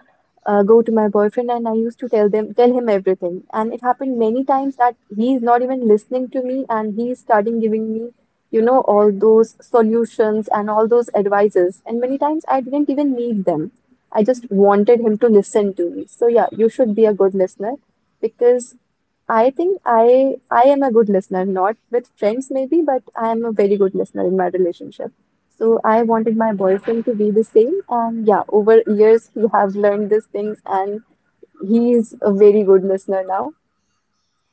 [SPEAKER 2] go to my boyfriend, and I used to tell him everything. And it happened many times that he is not even listening to me and he is starting giving me all those solutions and all those advices, and many times I didn't even need them. I just wanted him to listen to me. So, yeah, you should be a good listener, because I think I am a good listener, not with friends maybe, but I am a very good listener in my relationship. So I wanted my boyfriend to be the same. And, yeah, over years, he have learned these things, and he is a very good listener now.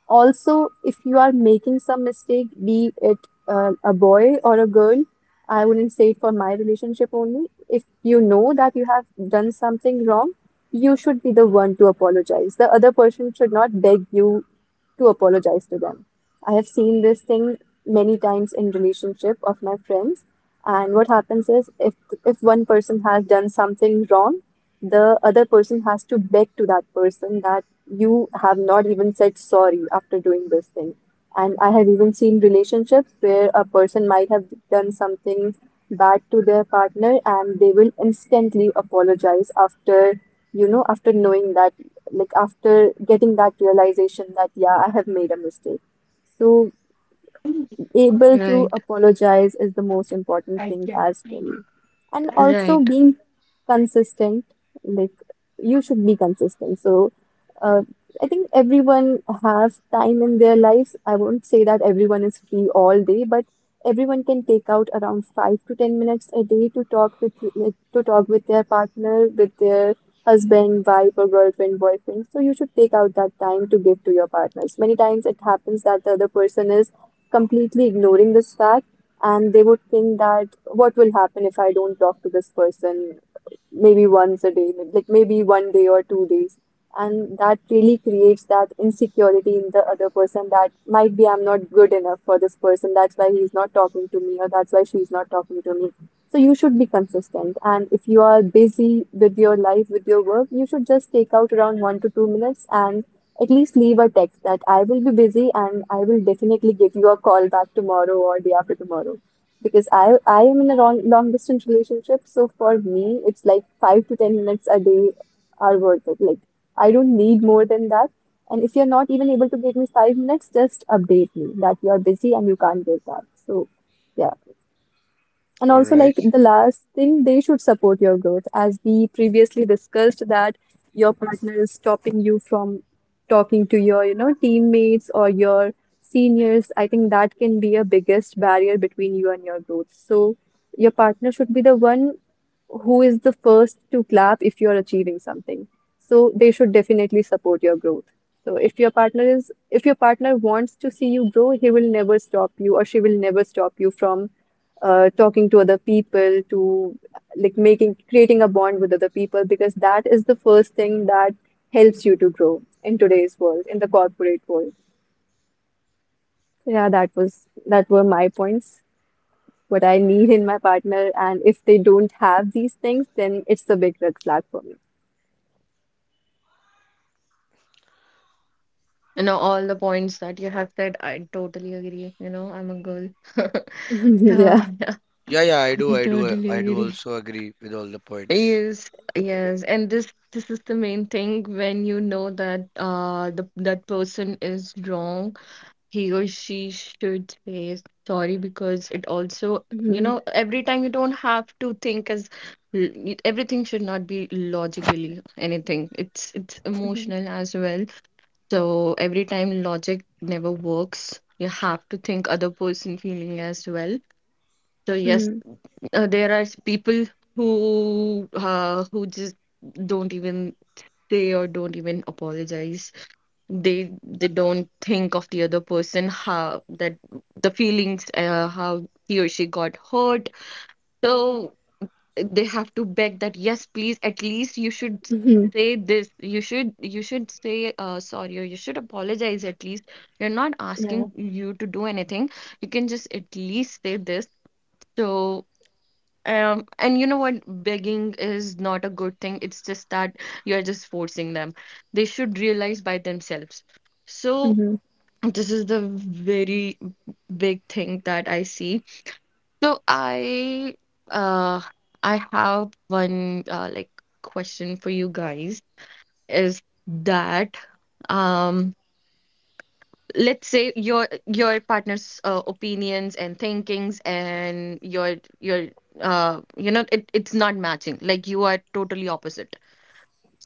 [SPEAKER 2] Also, if you are making some mistake, be it a boy or a girl, I wouldn't say it for my relationship only. If you know that you have done something wrong, you should be the one to apologize. The other person should not beg you to apologize to them. I have seen this thing many times in relationship of my friends, and what happens is, if one person has done something wrong, the other person has to beg to that person that you have not even said sorry after doing this thing. And I have even seen relationships where a person might have done something bad to their partner, and they will instantly apologize after after knowing that, like, after getting that realization that, yeah, I have made a mistake. So, able to
[SPEAKER 1] Right,
[SPEAKER 2] apologize is the most important thing as well. And also
[SPEAKER 1] right.
[SPEAKER 2] being consistent. Like, you should be consistent. So uh, I think everyone has time in their lives. I won't say that everyone is free all day, but everyone can take out around 5 to 10 minutes a day to talk with their partner, with their husband, wife, or girlfriend, boyfriend. So you should take out that time to give to your partners. Many times it happens that the other person is completely ignoring this fact, and they would think that, what will happen if I don't talk to this person maybe once a day, like maybe one day or 2 days. And that really creates that insecurity in the other person that might be I'm not good enough for this person. That's why he's not talking to me, or that's why she's not talking to me. So you should be consistent. And if you are busy with your life, with your work, you should just take out around 1 to 2 minutes and at least leave a text that I will be busy and I will definitely give you a call back tomorrow or day after tomorrow, because I am in a long distance relationship, so for me it's like 5 to 10 minutes a day are worth it. Like, I don't need more than that. And if you're not even able to give me 5 minutes, just update me that you're busy and you can't get that. So, yeah.
[SPEAKER 3] All
[SPEAKER 2] And also,
[SPEAKER 3] right.
[SPEAKER 2] like, the last thing, they should support your growth. As we previously discussed, that your partner is stopping you from talking to your, you know, teammates or your seniors. I think that can be a biggest barrier between you and your growth. So your partner should be the one who is the first to clap if you're achieving something. So they should definitely support your growth. So if your partner wants to see you grow, he will never stop you, or she will never stop you from talking to other people, to, like, making creating a bond with other people, because that is the first thing that helps you to grow in today's world, in the corporate world. Yeah, that were my points. What I need in my partner, and if they don't have these things, then it's a big red flag for me.
[SPEAKER 1] You know, all the points that you have said, I totally agree. You know, I'm a girl.
[SPEAKER 2] Mhm.
[SPEAKER 1] So,
[SPEAKER 2] Yeah.
[SPEAKER 1] yeah,
[SPEAKER 3] Yeah, yeah,
[SPEAKER 1] I totally
[SPEAKER 3] I do
[SPEAKER 1] agree.
[SPEAKER 3] also agree with all the points.
[SPEAKER 1] Yes, yes. And this is the main thing. When you know that the that person is wrong, he or she should say sorry, because it also, you
[SPEAKER 2] Hmm.
[SPEAKER 1] know, every time you don't have to think as everything should not be logically anything. It's
[SPEAKER 2] Hmm.
[SPEAKER 1] emotional as well. So every time logic never works, you have to think other person feeling as well. So yes,
[SPEAKER 2] Hmm.
[SPEAKER 1] there are people who just don't even say or don't even apologize. They don't think of the other person, how that the feelings how he or she got hurt. So they have to beg that, yes, please, at least you should
[SPEAKER 2] Hmm.
[SPEAKER 1] say this, you should, you should say sorry, or you should apologize, at least. We are not
[SPEAKER 2] Yeah.
[SPEAKER 1] asking you to do anything, you can just at least say this. So and you know what, begging is not a good thing. It's just that you're just forcing them, they should realize by themselves. So
[SPEAKER 2] Hmm.
[SPEAKER 1] this is the very big thing that I see. So uh I have one like question for you guys, is that um let's say your your partner's opinions and thinkings and your you know it, it's not matching, like you are totally opposite.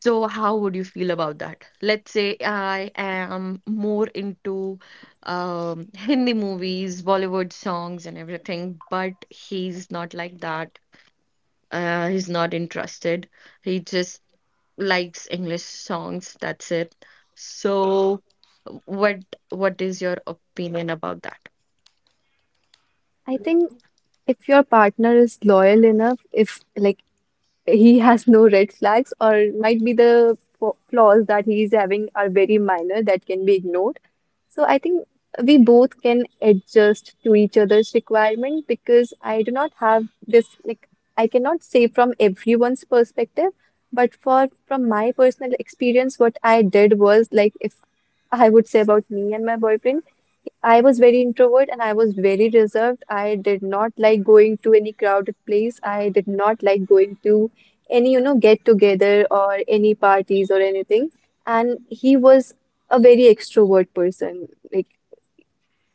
[SPEAKER 1] So, how would you feel about that? Let's say I am more into Hindi movies, Bollywood songs, and everything, but he's not like that. He's not interested. He just likes English songs. That's it. So, what what is your opinion about that?
[SPEAKER 2] I think if your partner is loyal enough, if, like, he has no red flags, or might be the flaws that he is having are very minor that can be ignored. So I think we both can adjust to each other's requirement, because I do not have this, like, I cannot say from everyone's perspective, but for from my personal experience, what I did was, like, if I would say about me and my boyfriend, I was very introvert and I was very reserved. I did not like going to any crowded place. I did not like going to any get together or any parties or anything. And he was a very extrovert person. Like,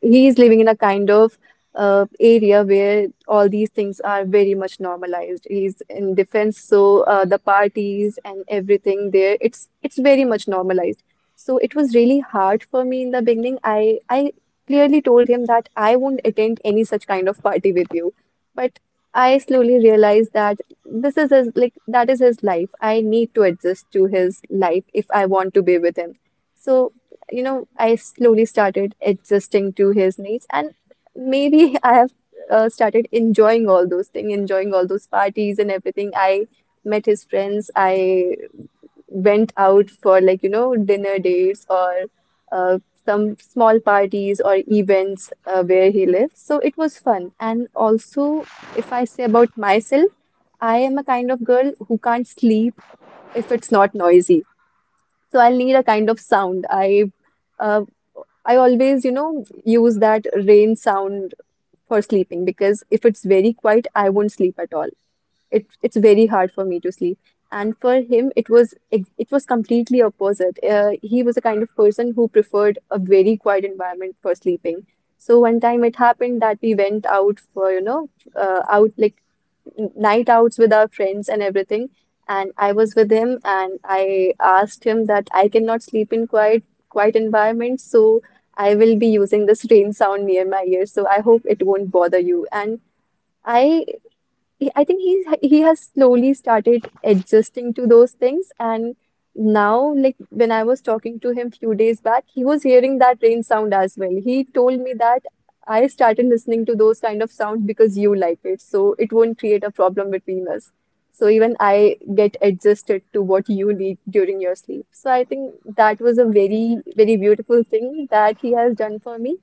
[SPEAKER 2] he is living in a kind of area where all these things are very much normalized. He's in defense, so the parties and everything there, it's very much normalized. So it was really hard for me in the beginning. I clearly told him that I won't attend any such kind of party with you, but I slowly realized that this is his like that is his life. I need to adjust to his life if I want to be with him. So, I slowly started adjusting to his needs, and maybe I have started enjoying all those things, enjoying all those parties and everything. I met his friends, I went out for, like, dinner dates or uh, some small parties or events where he lives. So it was fun. And also, if I say about myself, I am a kind of girl who can't sleep if it's not noisy. So I'll need a kind of sound. Uh, I always use that rain sound for sleeping, because if it's very quiet, I won't sleep at all. It's very hard for me to sleep. And for him, it was completely opposite. He was a kind of person who preferred a very quiet environment for sleeping. So one time it happened that we went out for, uh, out like night outs with our friends and everything. And I was with him, and I asked him that I cannot sleep in quiet environment, so I will be using this rain sound near my ear. So I hope it won't bother you. And I I think he has slowly started adjusting to those things, and now, like, when I was talking to him few days back, he was hearing that rain sound as well. He told me that, I started listening to those kind of sounds because you like it, so it won't create a problem between us. So even I get adjusted to what you need during your sleep. So I think that was a very, very beautiful thing that he has done for me.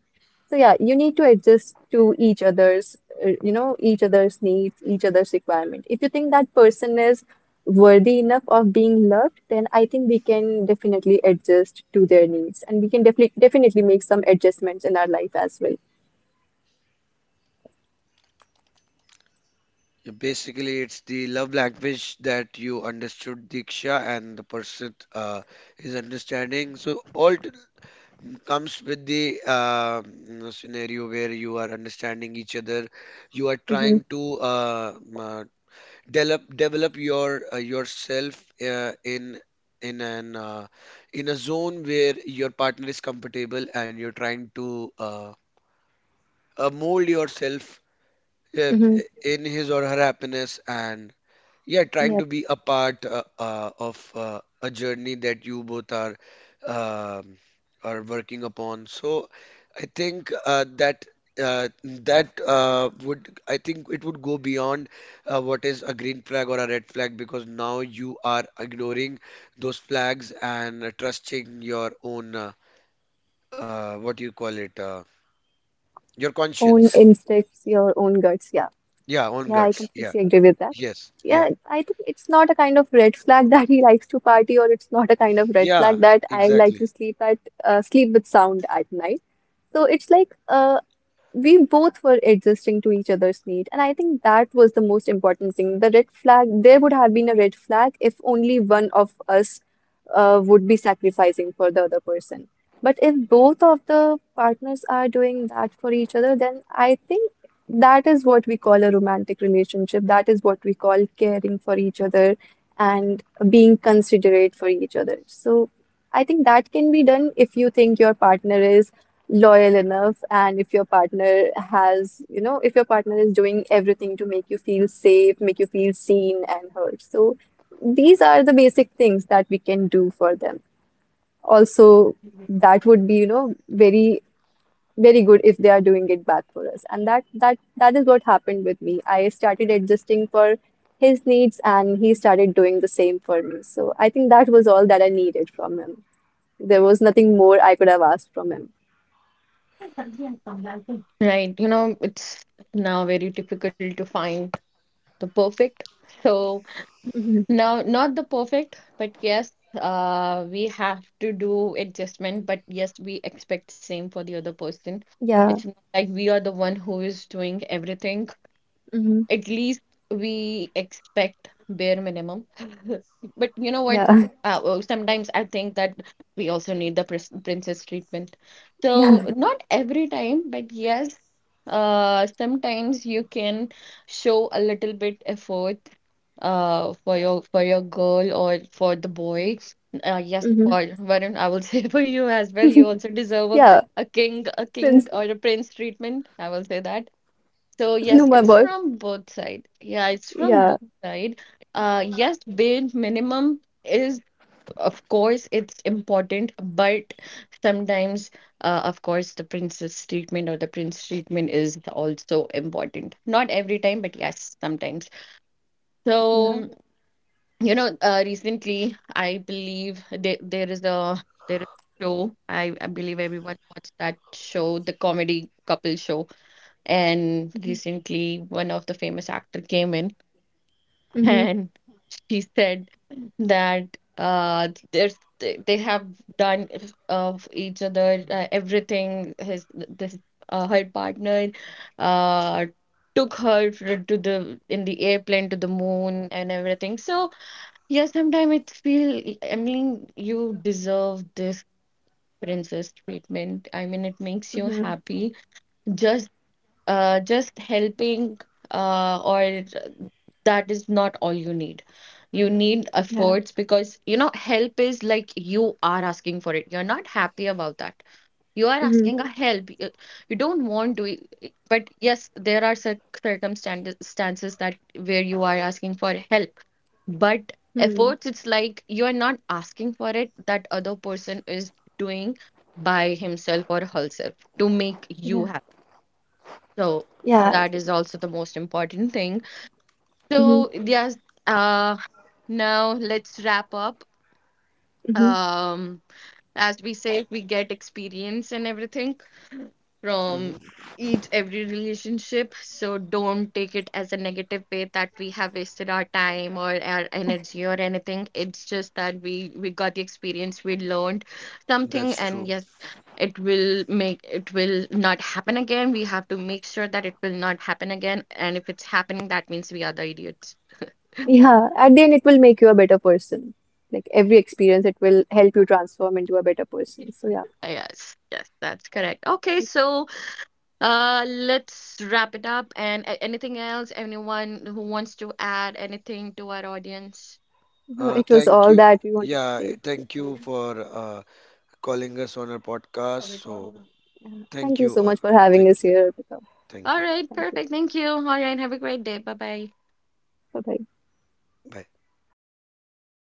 [SPEAKER 2] So, yeah, you need to adjust to each other's, each other's needs, each other's requirement. If you think that person is worthy enough of being loved, then I think we can definitely adjust to their needs, and we can definitely definitely make some adjustments in our life as well.
[SPEAKER 3] Yeah. Basically, it's the love language that you understood, Diksha, and the person is understanding. So, comes with the scenario where you are understanding each other. You are
[SPEAKER 2] Mm-hmm.
[SPEAKER 3] trying to develop your yourself in an uh, in a zone where your partner is comfortable, and you're trying to mold yourself uh,
[SPEAKER 2] Mm-hmm.
[SPEAKER 3] in his or her happiness, and yeah, trying
[SPEAKER 2] Yeah,
[SPEAKER 3] to be a part of a journey that you both um are working upon. So I think that that would, I think it would go beyond what is a green flag or a red flag, because now you are ignoring those flags and trusting your own what do you call it, your
[SPEAKER 2] own
[SPEAKER 3] conscience.
[SPEAKER 2] instincts, your own guts. Yeah.
[SPEAKER 3] Yeah, own
[SPEAKER 2] Yeah, I
[SPEAKER 3] guts. Yeah.
[SPEAKER 2] completely agree with that.
[SPEAKER 3] Yes.
[SPEAKER 2] Yeah,
[SPEAKER 3] Yeah.
[SPEAKER 2] I think it's not a kind of red flag that he likes to party, or it's not a kind of red flag
[SPEAKER 3] Yeah.
[SPEAKER 2] that I like to
[SPEAKER 3] Exactly.
[SPEAKER 2] sleep with sound at night. So it's like, we both were adjusting to each other's need, and I think that was the most important thing. The red flag, there would have been a red flag if only one of us would be sacrificing for the other person. But if both of the partners are doing that for each other, then I think that is what we call a romantic relationship, that is what we call caring for each other and being considerate for each other. So I think that can be done if you think your partner is loyal enough, and if your partner is doing everything to make you feel safe, make you feel seen and heard. So these are the basic things that we can do for them. Also, that would be very, very good if they are doing it back for us. And that is what happened with me. I started adjusting for his needs, and he started doing the same for me. So I think that was all that I needed from him. There was nothing more I could have asked from him.
[SPEAKER 1] Right, you know, it's now very difficult to find the perfect. So,
[SPEAKER 2] Mhm.
[SPEAKER 1] now, not the perfect, but yes, we have to do adjustment, but yes, we expect same for the other person. It's
[SPEAKER 2] Yeah.
[SPEAKER 1] not like we are the one who is doing everything. At least we expect bare minimum. But you know what?
[SPEAKER 2] Yeah,
[SPEAKER 1] Well, sometimes I think that we also need the pris princess treatment.
[SPEAKER 2] yeah.
[SPEAKER 1] So not every time, but yes, sometimes you can show a little bit effort for your girl or for the boy. Yes,
[SPEAKER 2] Hmm.
[SPEAKER 1] for Varun, I will say for you as well. You also deserve
[SPEAKER 2] Yeah.
[SPEAKER 1] a king
[SPEAKER 2] Prince.
[SPEAKER 1] or a prince treatment. I will say that. So yes,
[SPEAKER 2] No,
[SPEAKER 3] Thank
[SPEAKER 2] my
[SPEAKER 1] it's
[SPEAKER 3] you.
[SPEAKER 2] boy.
[SPEAKER 1] from both side. Yeah, it's from
[SPEAKER 2] Yeah,
[SPEAKER 1] both side. Yes, bare minimum is, of course, it's important, but sometimes of course the princess treatment or the prince treatment is also important. Not every time, but yes, sometimes.
[SPEAKER 2] yeah.
[SPEAKER 1] So you know, recently I believe there is a there is a show. I believe everyone watched that show, the comedy couple show. And
[SPEAKER 2] Hmm.
[SPEAKER 1] recently, one of the famous actor came in
[SPEAKER 2] Hmm.
[SPEAKER 1] and she said that there's they have done of each other everything. His this her partner uh, took her to the in the airplane to the moon and everything. So yeah, sometimes it feel, I mean, you deserve this princess treatment. I mean, it makes you
[SPEAKER 2] Hmm.
[SPEAKER 1] happy. Just just helping or that is not all you need. You need
[SPEAKER 2] Yeah.
[SPEAKER 1] efforts, because you know help is like you are asking for it. You're not happy about that. You are
[SPEAKER 2] Hmm.
[SPEAKER 1] asking a help. You don't want to, but yes, there are circumstances stances that where you are asking for help. But
[SPEAKER 2] Hmm.
[SPEAKER 1] efforts, it's like you are not asking for it. That other person is doing by himself or herself to make you
[SPEAKER 2] Yeah,
[SPEAKER 1] happy. So
[SPEAKER 2] yeah.
[SPEAKER 1] that is also the most important thing.
[SPEAKER 2] Hmm.
[SPEAKER 1] So yes, uh, now let's wrap up.
[SPEAKER 2] Hmm.
[SPEAKER 1] Um, as we say, we get experience and everything
[SPEAKER 3] Mhm.
[SPEAKER 1] from each every relationship. So don't take it as a negative way that we have wasted our time or our energy or anything. It's just that we got the experience, we learned something,
[SPEAKER 3] That's
[SPEAKER 1] and
[SPEAKER 3] true.
[SPEAKER 1] yes, it will make, it will not happen again. We have to make sure that it will not happen again. And if it's happening, that means we are the idiots.
[SPEAKER 2] Yeah. At the end, it will make you a better person. Like, every experience, it will help you transform into a better person. So, yeah,
[SPEAKER 1] Yes, yes, that's correct. Okay,
[SPEAKER 2] okay.
[SPEAKER 1] so let's wrap it up. And anything else, anyone who wants to add anything to our audience?
[SPEAKER 2] No, it was
[SPEAKER 3] Thank
[SPEAKER 2] all
[SPEAKER 3] you.
[SPEAKER 2] that we wanted to
[SPEAKER 3] Yeah,
[SPEAKER 2] say. Yeah.
[SPEAKER 3] thank you for calling us on our podcast. So,
[SPEAKER 2] Thank
[SPEAKER 3] thank
[SPEAKER 2] you
[SPEAKER 3] you.
[SPEAKER 2] so much for having
[SPEAKER 3] Thank
[SPEAKER 2] us
[SPEAKER 3] you.
[SPEAKER 2] here, Arpita.
[SPEAKER 3] Thank
[SPEAKER 1] All
[SPEAKER 3] you.
[SPEAKER 1] right,
[SPEAKER 2] Thank you.
[SPEAKER 1] perfect. Thank you. All right, have a great day. Bye bye.
[SPEAKER 2] Bye bye.
[SPEAKER 3] Bye.